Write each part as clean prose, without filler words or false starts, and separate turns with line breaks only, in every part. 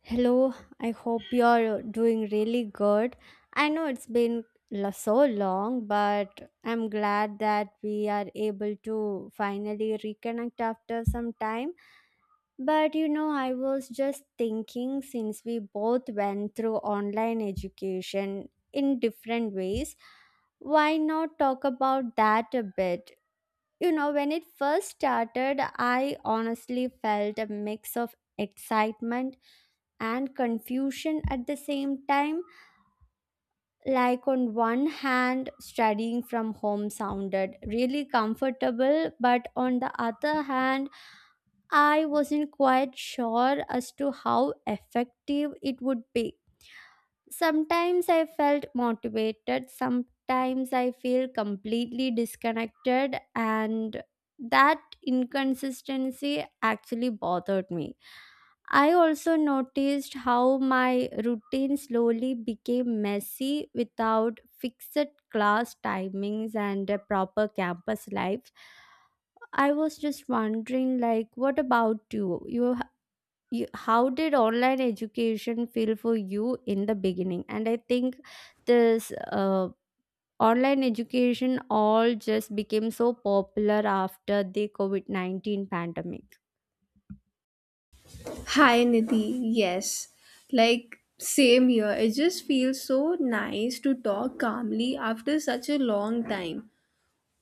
Hello, I hope you're doing really good. I know it's been so long, but I'm glad that we are able to finally reconnect after some time. But you know, I was just thinking, since we both went through online education in different ways, why not talk about that a bit? You know, when it first started, I honestly felt a mix of excitement and confusion at the same time. Like, on one hand, studying from home sounded really comfortable, but on the other hand, I wasn't quite sure as to how effective it would be. Sometimes I felt motivated, sometimes I feel completely disconnected, and that inconsistency actually bothered me. I also noticed how my routine slowly became messy without fixed class timings and a proper campus life. I was just wondering, like, what about you? How did online education feel for you in the beginning? And I think this online education all just became so popular after the COVID-19 pandemic.
Hi Nidhi, yes. Like, same here. It just feels so nice to talk calmly after such a long time.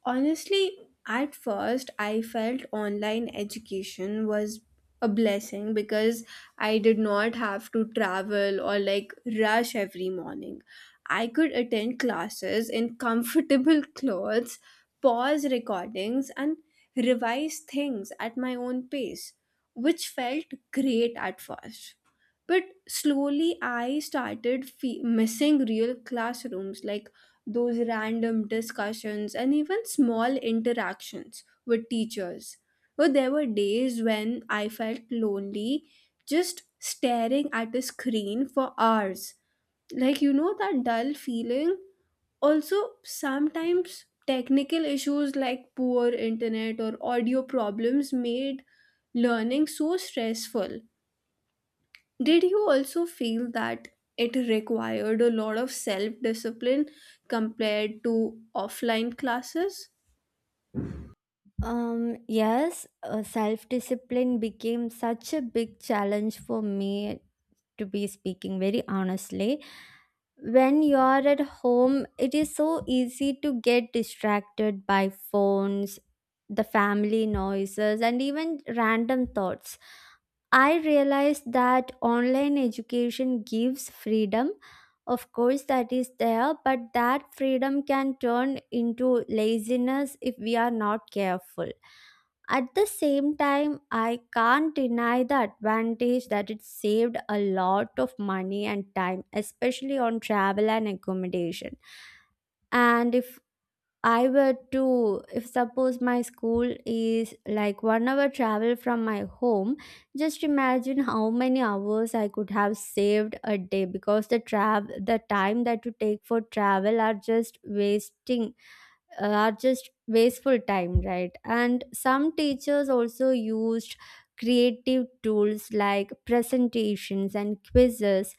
Honestly, at first, I felt online education was a blessing because I did not have to travel or like rush every morning. I could attend classes in comfortable clothes, pause recordings, and revise things at my own pace, which felt great at first. But slowly, I started missing real classrooms like those random discussions and even small interactions with teachers. But there were days when I felt lonely just staring at a screen for hours. Like, that dull feeling? Also sometimes technical issues like poor internet or audio problems made learning so stressful. Did you also feel that it required a lot of self discipline compared to offline classes?
Yes, self discipline became such a big challenge for me. To be speaking very honestly, when you are at home it is so easy to get distracted by phones, the family noises, and even random thoughts. I realized that online education gives freedom, of course that is there, but that freedom can turn into laziness if we are not careful. At the same time, I can't deny the advantage that it saved a lot of money and time, especially on travel and accommodation. And if if suppose my school is like 1 hour travel from my home, just imagine how many hours I could have saved a day, because the travel, the time that you take for travel are just wasting, are just wasteful time, right? And some teachers also used creative tools like presentations and quizzes,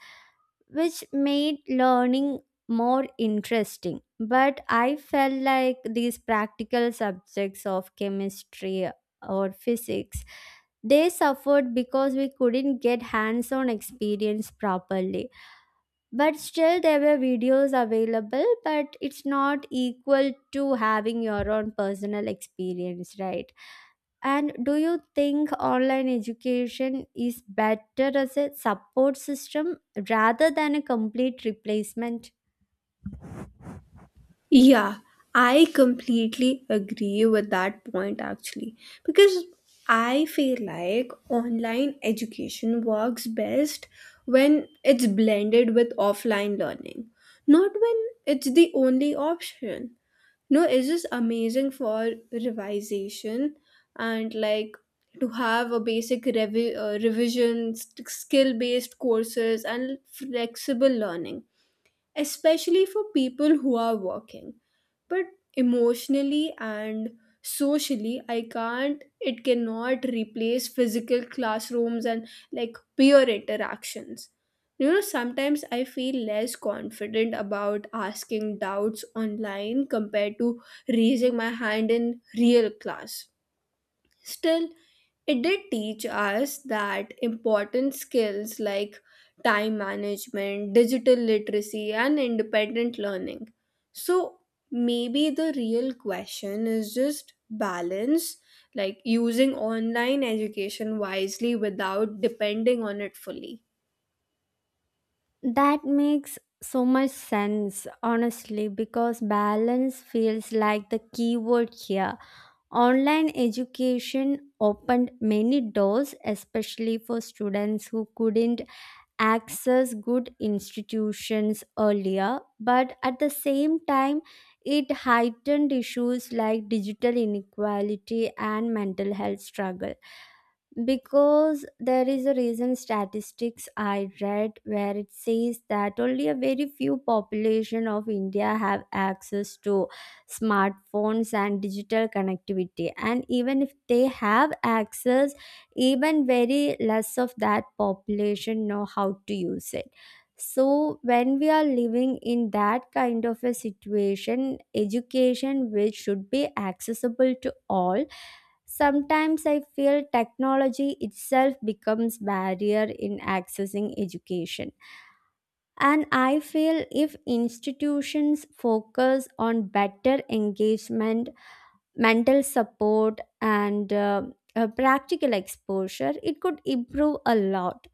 which made learning more interesting. But I felt like these practical subjects of chemistry or physics, they suffered because we couldn't get hands on experience properly. But still, there were videos available, but it's not equal to having your own personal experience, right? And do you think online education is better as a support system rather than a complete replacement?
Yeah, I completely agree with that point actually, because I feel like online education works best when it's blended with offline learning, not when it's the only option. No, it's just amazing for revisation and like to have a basic revision, skill based courses, and flexible learning, especially for people who are working. But emotionally and socially, I can't, it cannot replace physical classrooms and like peer interactions. Sometimes I feel less confident about asking doubts online compared to raising my hand in real class. Still, it did teach us that important skills like time management, digital literacy, and independent learning. So maybe the real question is just balance, like using online education wisely without depending on it fully.
That makes so much sense, honestly, because balance feels like the key word here. Online education opened many doors, especially for students who couldn't access good institutions earlier, but at the same time, it heightened issues like digital inequality and mental health struggle. Because there is a recent statistics I read where it says that only a very few population of India have access to smartphones and digital connectivity, and even if they have access, even very less of that population know how to use it. So when we are living in that kind of a situation, education which should be accessible to all, sometimes I feel technology itself becomes barrier in accessing education. And I feel if institutions focus on better engagement, mental support, and practical exposure, it could improve a lot.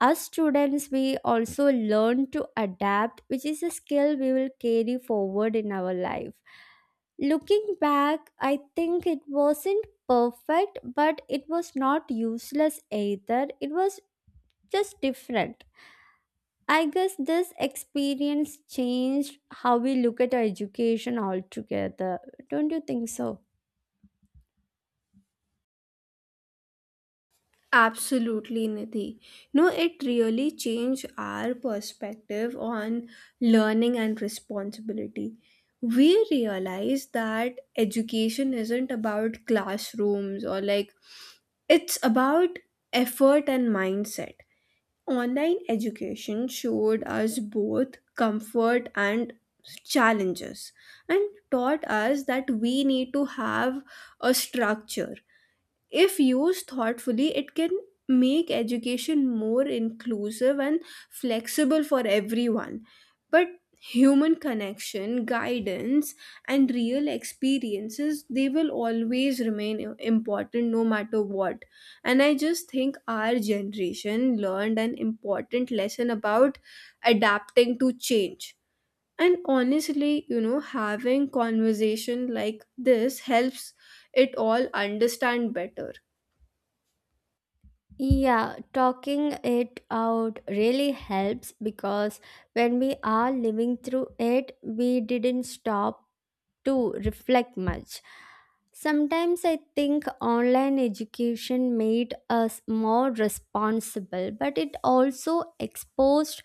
As students we also learn to adapt, which is a skill we will carry forward in our life. Looking back, I think it wasn't perfect, but it was not useless either. It was just different. I guess this experience changed how we look at our education altogether. Don't you think so?
Absolutely, Nidhi. No, it really changed our perspective on learning and responsibility. We realized that education isn't about classrooms or like it's about effort and mindset. Online education showed us both comfort and challenges, and taught us that we need to have a structure. If used thoughtfully, it can make education more inclusive and flexible for everyone. But human connection, guidance, and real experiences, they will always remain important no matter what. And I just think our generation learned an important lesson about adapting to change. And honestly, having conversation like this helps it all understand better.
Yeah, talking it out really helps, because when we are living through it, we didn't stop to reflect much. Sometimes I think online education made us more responsible, but it also exposed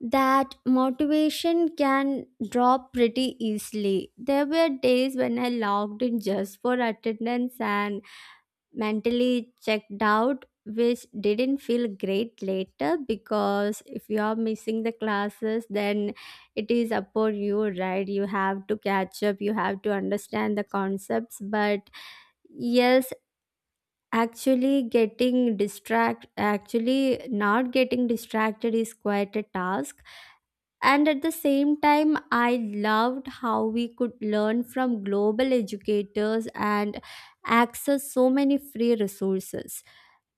that motivation can drop pretty easily. There were days when I logged in just for attendance and mentally checked out, which didn't feel great later, because if you are missing the classes, then it is upon you, right? You have to catch up, you have to understand the concepts. But yes, actually not getting distracted is quite a task. And at the same time, I loved how we could learn from global educators and access so many free resources.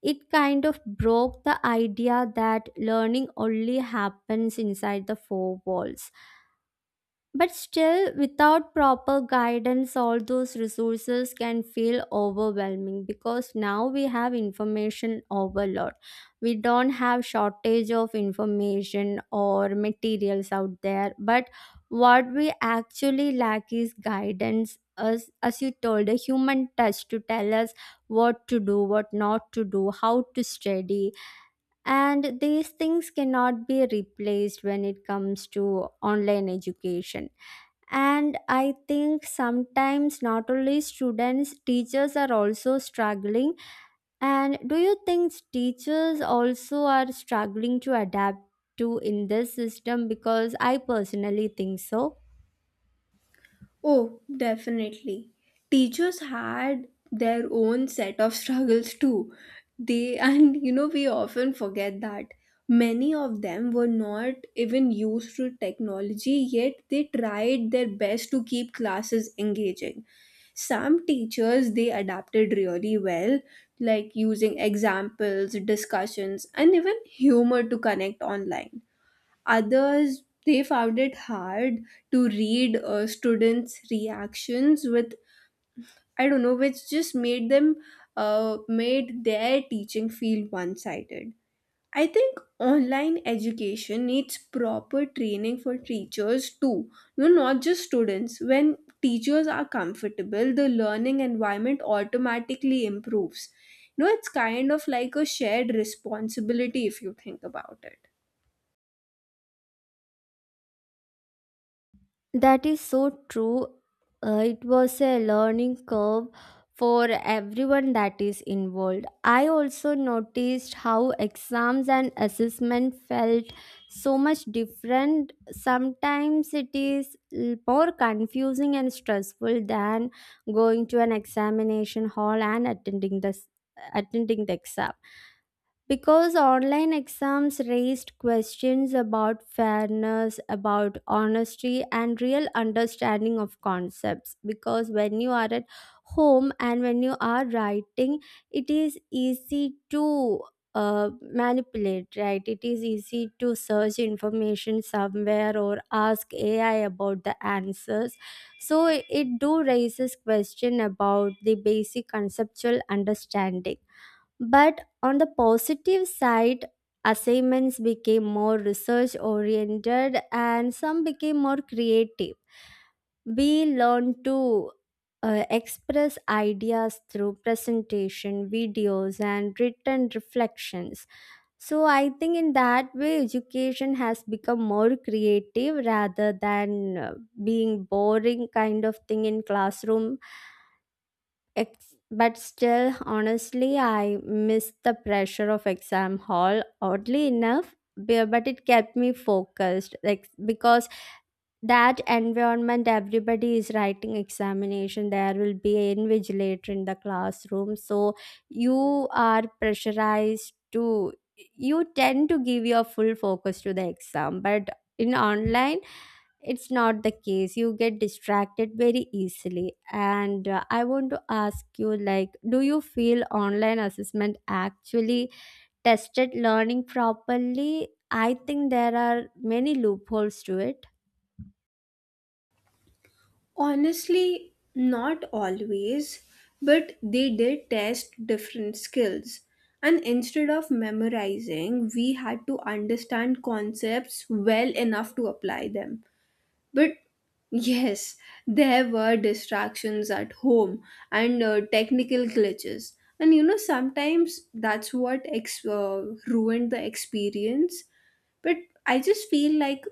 It kind of broke the idea that learning only happens inside the four walls. But still, without proper guidance, all those resources can feel overwhelming, because now we have information overload. We don't have shortage of information or materials out there, but what we actually lack is guidance. As you told, a human touch to tell us what to do, what not to do, how to study. And these things cannot be replaced when it comes to online education. And I think sometimes not only students, teachers are also struggling. And do you think teachers also are struggling to adapt to in this system? Because I personally think so.
Oh, definitely. Teachers had their own set of struggles too. They, and we often forget that many of them were not even used to technology, yet they tried their best to keep classes engaging. Some teachers they adapted really well, like using examples, discussions, and even humor to connect online. Others, they found it hard to read students' reactions with, I don't know, which just made them, made their teaching feel one sided. I think online education needs proper training for teachers too, no, not just students. When teachers are comfortable, the learning environment automatically improves. It's kind of like a shared responsibility if you think about it.
That is so true. It was a learning curve for everyone that is involved. I also noticed how exams and assessment felt so much different. Sometimes it is more confusing and stressful than going to an examination hall and attending the exam. Because online exams raised questions about fairness, about honesty, and real understanding of concepts. Because when you are at home and when you are writing, it is easy to manipulate, right? It is easy to search information somewhere or ask AI about the answers. So it do raises question about the basic conceptual understanding. But on the positive side, assignments became more research oriented and some became more creative. We learned to express ideas through presentation, videos, and written reflections. So, I think in that way, education has become more creative rather than being boring kind of thing in classroom. But still, honestly, I miss the pressure of exam hall. Oddly enough, but it kept me focused, like, because that environment, everybody is writing examination, there will be an invigilator in the classroom, so you are pressurized to, you tend to give your full focus to the exam. But in online, it's not the case. You get distracted very easily. And I want to ask you, like, do you feel online assessment actually tested learning properly? I think there are many loopholes to it.
Honestly, not always, but they did test different skills. And instead of memorizing, we had to understand concepts well enough to apply them. But yes, there were distractions at home and technical glitches. And sometimes that's what ruined the experience. But I just feel like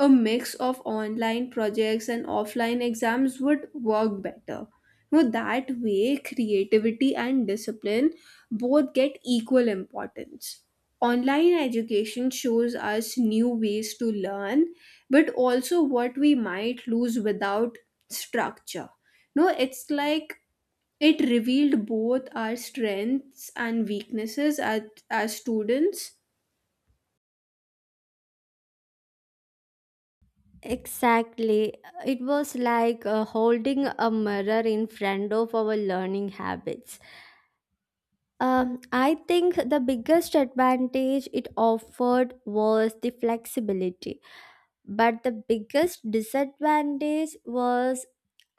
a mix of online projects and offline exams would work better. That way, creativity and discipline both get equal importance. Online education shows us new ways to learn, but also what we might lose without structure. No, it's like it revealed both our strengths and weaknesses as students.
Exactly. It was like holding a mirror in front of our learning habits. I think the biggest advantage it offered was the flexibility. But the biggest disadvantage was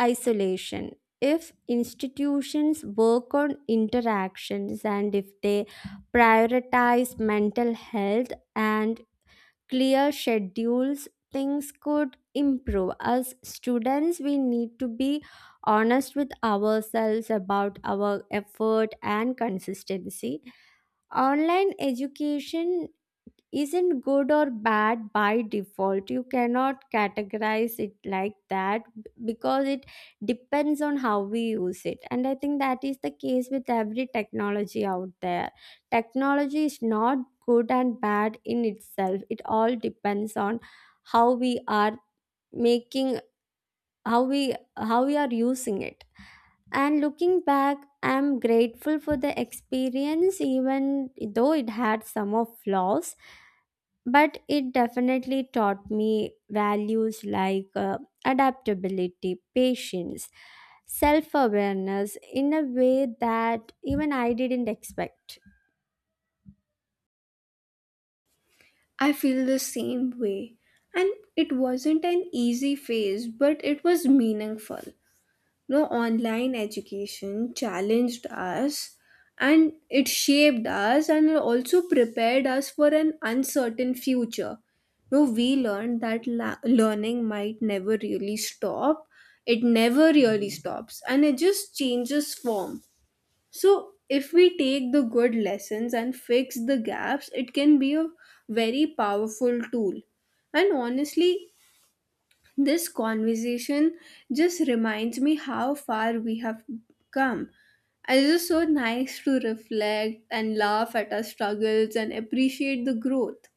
isolation. If institutions work on interactions and if they prioritize mental health and clear schedules, things could improve. As students, we need to be honest with ourselves about our effort and consistency. Online education isn't good or bad by default. You cannot categorize it like that, because it depends on how we use it. And I think that is the case with every technology out there. Technology is not good and bad in itself, it all depends on how we are making, how we are using it. And looking back, I'm grateful for the experience, even though it had some of flaws, but it definitely taught me values like adaptability, patience, self awareness in a way that even I didn't expect.
I feel the same way. And it wasn't an easy phase, but it was meaningful. No, online education challenged us and it shaped us and it also prepared us for an uncertain future. No, we learned that learning might never really stop. It never really stops and it just changes form. So, if we take the good lessons and fix the gaps, it can be a very powerful tool. And honestly, this conversation just reminds me how far we have come. And it is so nice to reflect and laugh at our struggles and appreciate the growth.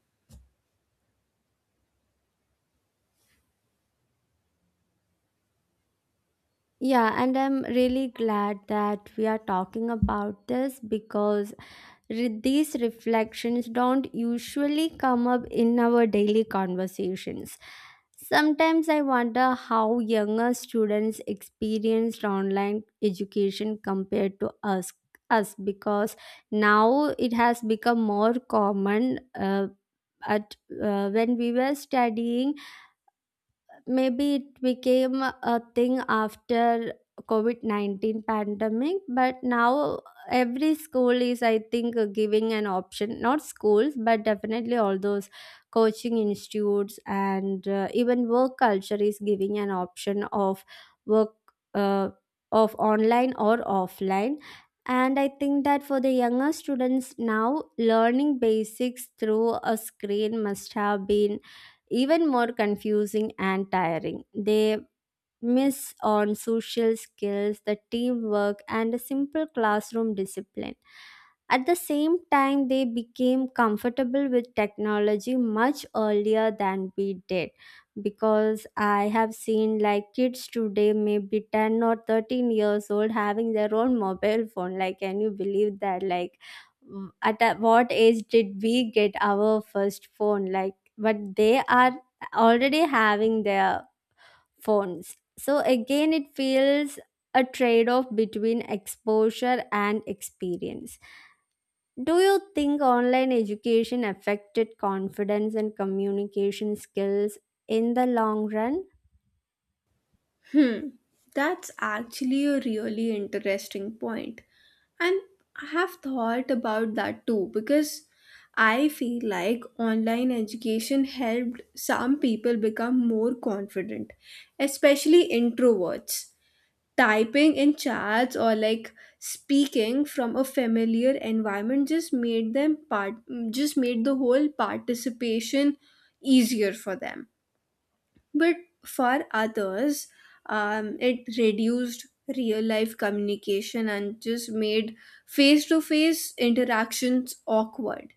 Yeah, and I'm really glad that we are talking about this, because these reflections don't usually come up in our daily conversations. Sometimes I wonder how younger students experienced online education compared to us, because now it has become more common. Uh, at When we were studying, maybe it became a thing after COVID-19 pandemic, but now every school is, I think, giving an option. Not schools, but definitely all those coaching institutes and even work culture is giving an option of work uh, of online or offline. And I think that for the younger students now, learning basics through a screen must have been even more confusing and tiring. They miss on social skills, the teamwork, and a simple classroom discipline. At the same time, they became comfortable with technology much earlier than we did, because I have seen like kids today, maybe 10 or 13 years old, having their own mobile phone. Like, can you believe that? Like, what age did we get our first phone? Like, but they are already having their phones. So again, it feels a trade off between exposure and experience. Do you think online education affected confidence and communication skills in the long run?
Hmm, that's actually a really interesting point. And I have thought about that too, because I feel like online education helped some people become more confident, especially introverts. Typing in chats or like speaking from a familiar environment just made them part, just made the whole participation easier for them. But for others, it reduced real life communication and just made face to face interactions awkward.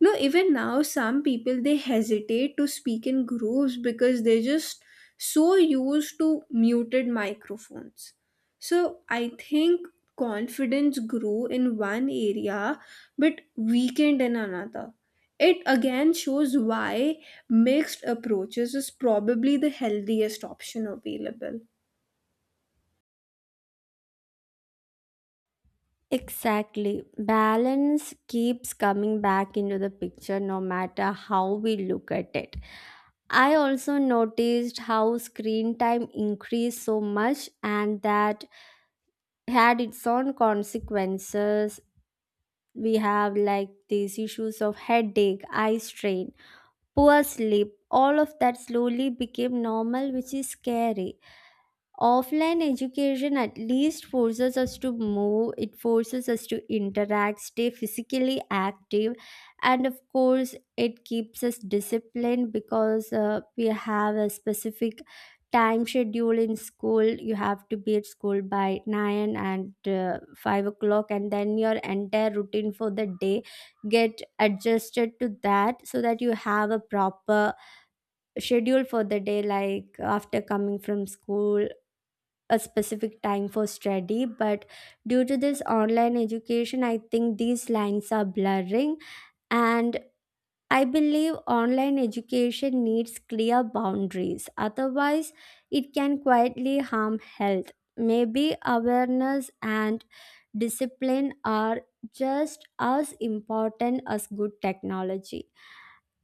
No, even now, some people they hesitate to speak in groups because they're just so used to muted microphones. So I think confidence grew in one area but weakened in another. It again shows why mixed approaches is probably the healthiest option available.
Exactly. Balance keeps coming back into the picture no matter how we look at it. I also noticed how screen time increased so much and that had its own consequences. We have like these issues of headache, eye strain, poor sleep. All of that slowly became normal, which is scary. Offline education at least forces us to move, it forces us to interact, stay physically active, and of course it keeps us disciplined because we have a specific time schedule in school. You have to be at school by 9 and 5 o'clock, and then your entire routine for the day get adjusted to that, so that you have a proper schedule for the day, like after coming from school a specific time for study. But due to this online education, I think these lines are blurring. And I believe online education needs clear boundaries, otherwise it can quietly harm health. Maybe awareness and discipline are just as important as good technology.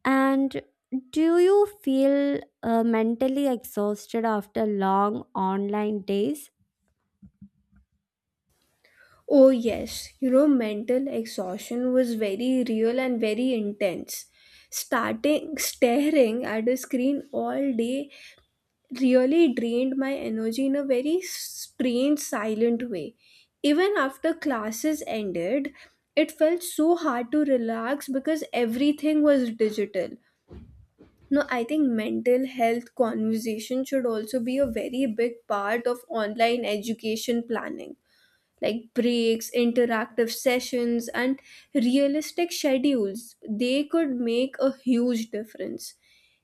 And do you feel mentally exhausted after long online days?
Oh, yes. Mental exhaustion was very real and very intense. Starting staring at a screen all day really drained my energy in a very strange, silent way. Even after classes ended, it felt so hard to relax because everything was digital. No, I think mental health conversation should also be a very big part of online education planning, like breaks, interactive sessions, and realistic schedules, they could make a huge difference.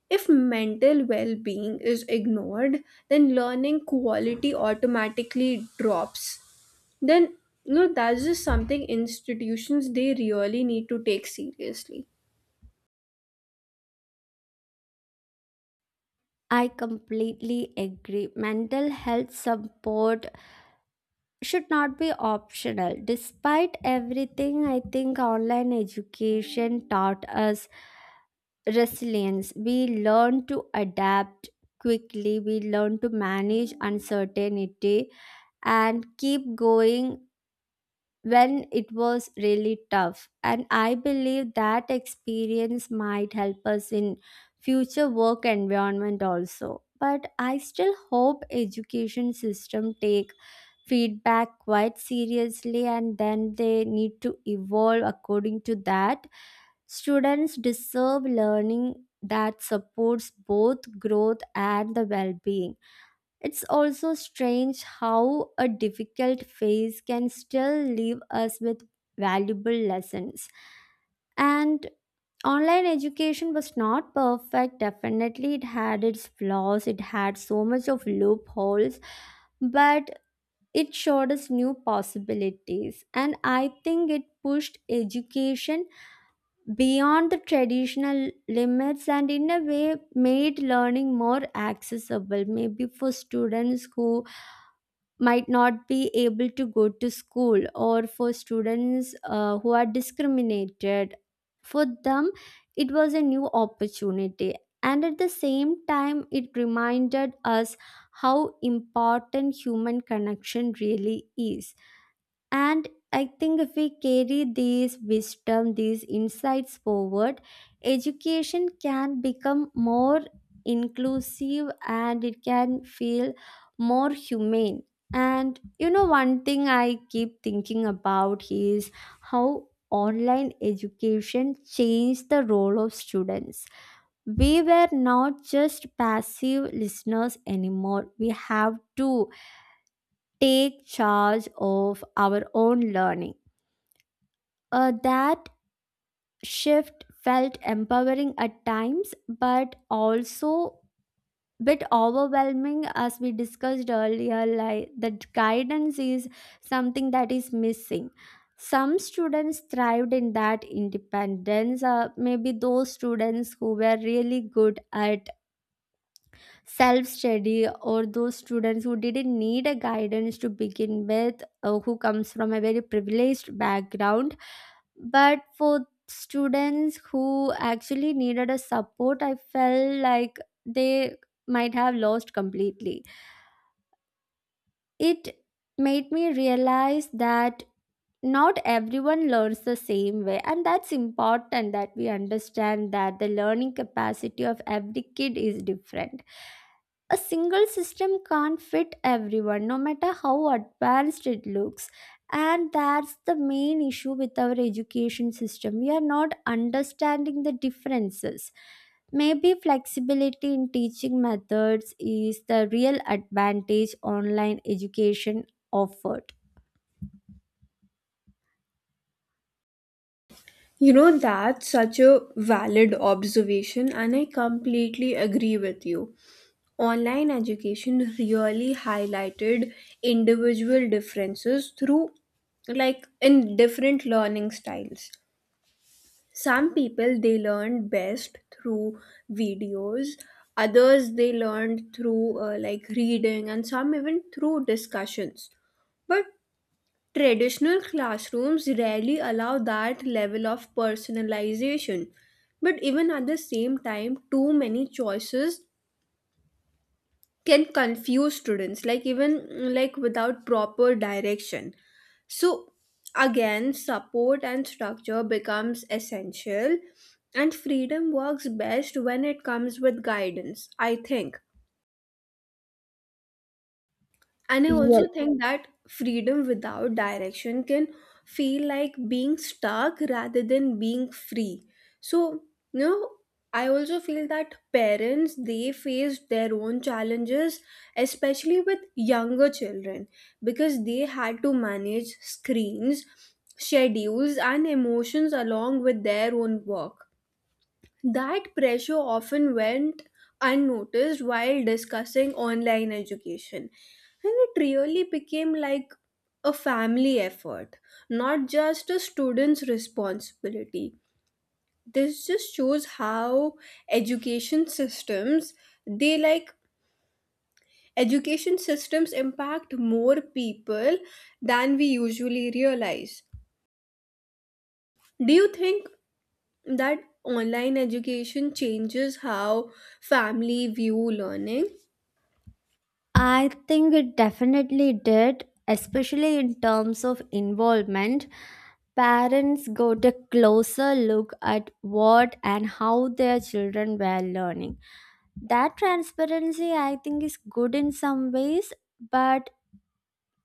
If mental well being is ignored, then learning quality automatically drops. Then, that's just something institutions they really need to take seriously.
I completely agree. Mental health support should not be optional. Despite everything, I think online education taught us resilience. We learn to adapt quickly, we learn to manage uncertainty and keep going when it was really tough. And I believe that experience might help us in future work environment also, but I still hope education system take feedback quite seriously, and then they need to evolve according to that. Students deserve learning that supports both growth and the well-being. It's also strange how a difficult phase can still leave us with valuable lessons. And online education was not perfect, definitely, it had its flaws, it had so much of loopholes, but it showed us new possibilities. And I think it pushed education beyond the traditional limits and, in a way, made learning more accessible, maybe for students who might not be able to go to school, or for students who are discriminated. For them it was a new opportunity. And at the same time, it reminded us how important human connection really is. And I think if we carry these wisdom, these insights forward, education can become more inclusive and it can feel more humane. And you know, one thing I keep thinking about is how online education changed the role of students. We were not just passive listeners anymore, we have to take charge of our own learning. That shift felt empowering at times, but also bit overwhelming. As we discussed earlier, like the guidance is something that is missing. Some students thrived in that independence, maybe those students who were really good at self study, or those students who didn't need a guidance to begin with, or who comes from a very privileged background. But for students who actually needed a support, I felt like they might have lost completely. It made me realize that not everyone learns the same way, and that's important that we understand that the learning capacity of every kid is different. A single system can't fit everyone no matter how advanced it looks. And that's the main issue with our education system, we are not understanding the differences. Maybe flexibility in teaching methods is the real advantage online education offered.
That's such a valid observation, and I completely agree with you. Online education really highlighted individual differences through, like, in different learning styles. Some people they learned best through videos, others they learned through, like, reading, and some even through discussions. But traditional classrooms rarely allow that level of personalization. But even at the same time, too many choices can confuse students, like even like without proper direction. So again, support and structure becomes essential, and freedom works best when it comes with guidance, I think. And I
Yes.
also think that freedom without direction can feel like being stuck rather than being free. So, you know, I also feel that parents they face their own challenges, especially with younger children, because they had to manage screens, schedules, and emotions along with their own work. That pressure often went unnoticed while discussing online education, and it really became like a family effort, not just a student's responsibility. This just shows how education systems they like education systems impact more people than we usually realize. Do you think that online education changes how family view learning?
I think it definitely did, especially in terms of involvement. Parents got a closer look at what and how their children were learning. That transparency, I think, is good in some ways, but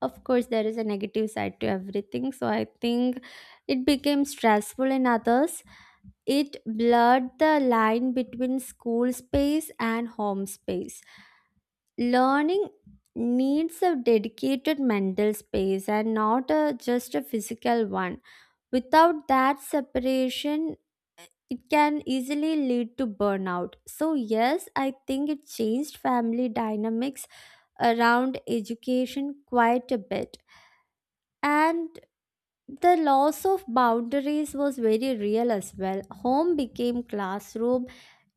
of course, there is a negative side to everything. So I think it became stressful in others. It blurred the line between school space and home space. Learning needs a dedicated mental space and not a, just a physical one. Without that separation, it can easily lead to burnout. So, yes, I think it changed family dynamics around education quite a bit. And the loss of boundaries was very real as well. Home became classroom,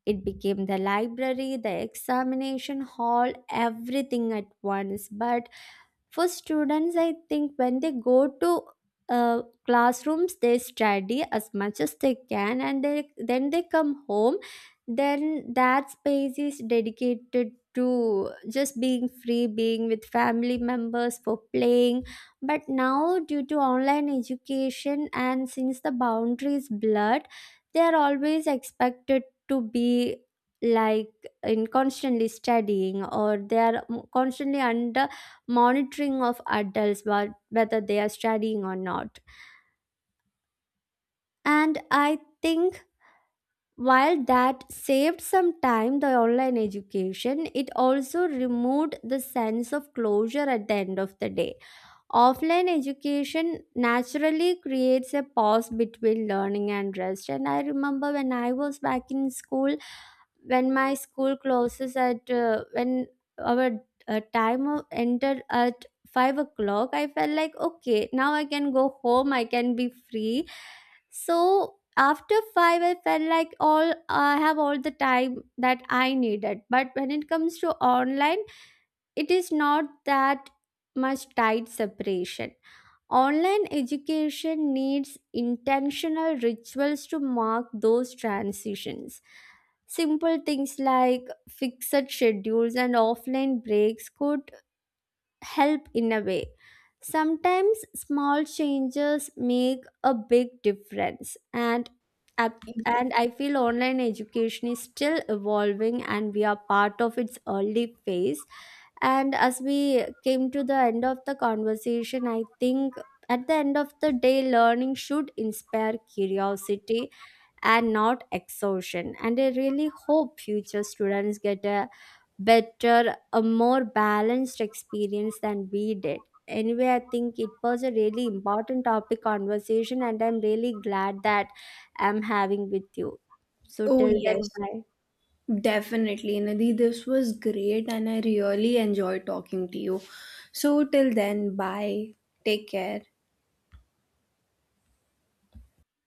it became the library, the examination hall, everything at once. But for students, I think when they go to classrooms, they study as much as they can, and then they come home. Then that space is dedicated to just being free, being with family members for playing. But now, due to online education and since the boundaries blurred, they are always expected to be like in constantly studying, or they are constantly under monitoring of adults, but whether they are studying or not. And I think while that saved some time, the online education, it also removed the sense of closure at the end of the day. Offline education naturally creates a pause between learning and rest. And I remember when I was back in school, when my school closes at when our time of entered at 5 o'clock, I felt like okay, now I can go home, I can be free. So after five I felt like all I have, all the time that I needed. But when it comes to online, it is not that much tight separation. Online education needs intentional rituals to mark those transitions. Simple things like fixed schedules and offline breaks could help in a way. Sometimes small changes make a big difference. And ap- and I feel online education is still evolving and we are part of its early phase. And as we came to the end of the conversation, I think at the end of the day, learning should inspire curiosity and not exhaustion. And I really hope future students get a better, a more balanced experience than we did. Anyway, I think it was a really important topic conversation, and I'm really glad that I'm having with you. So,
Oh,
till then,
yes,
bye.
definitely, Nadi. This was great, and I really enjoyed talking to you. So, till then, bye. Take care.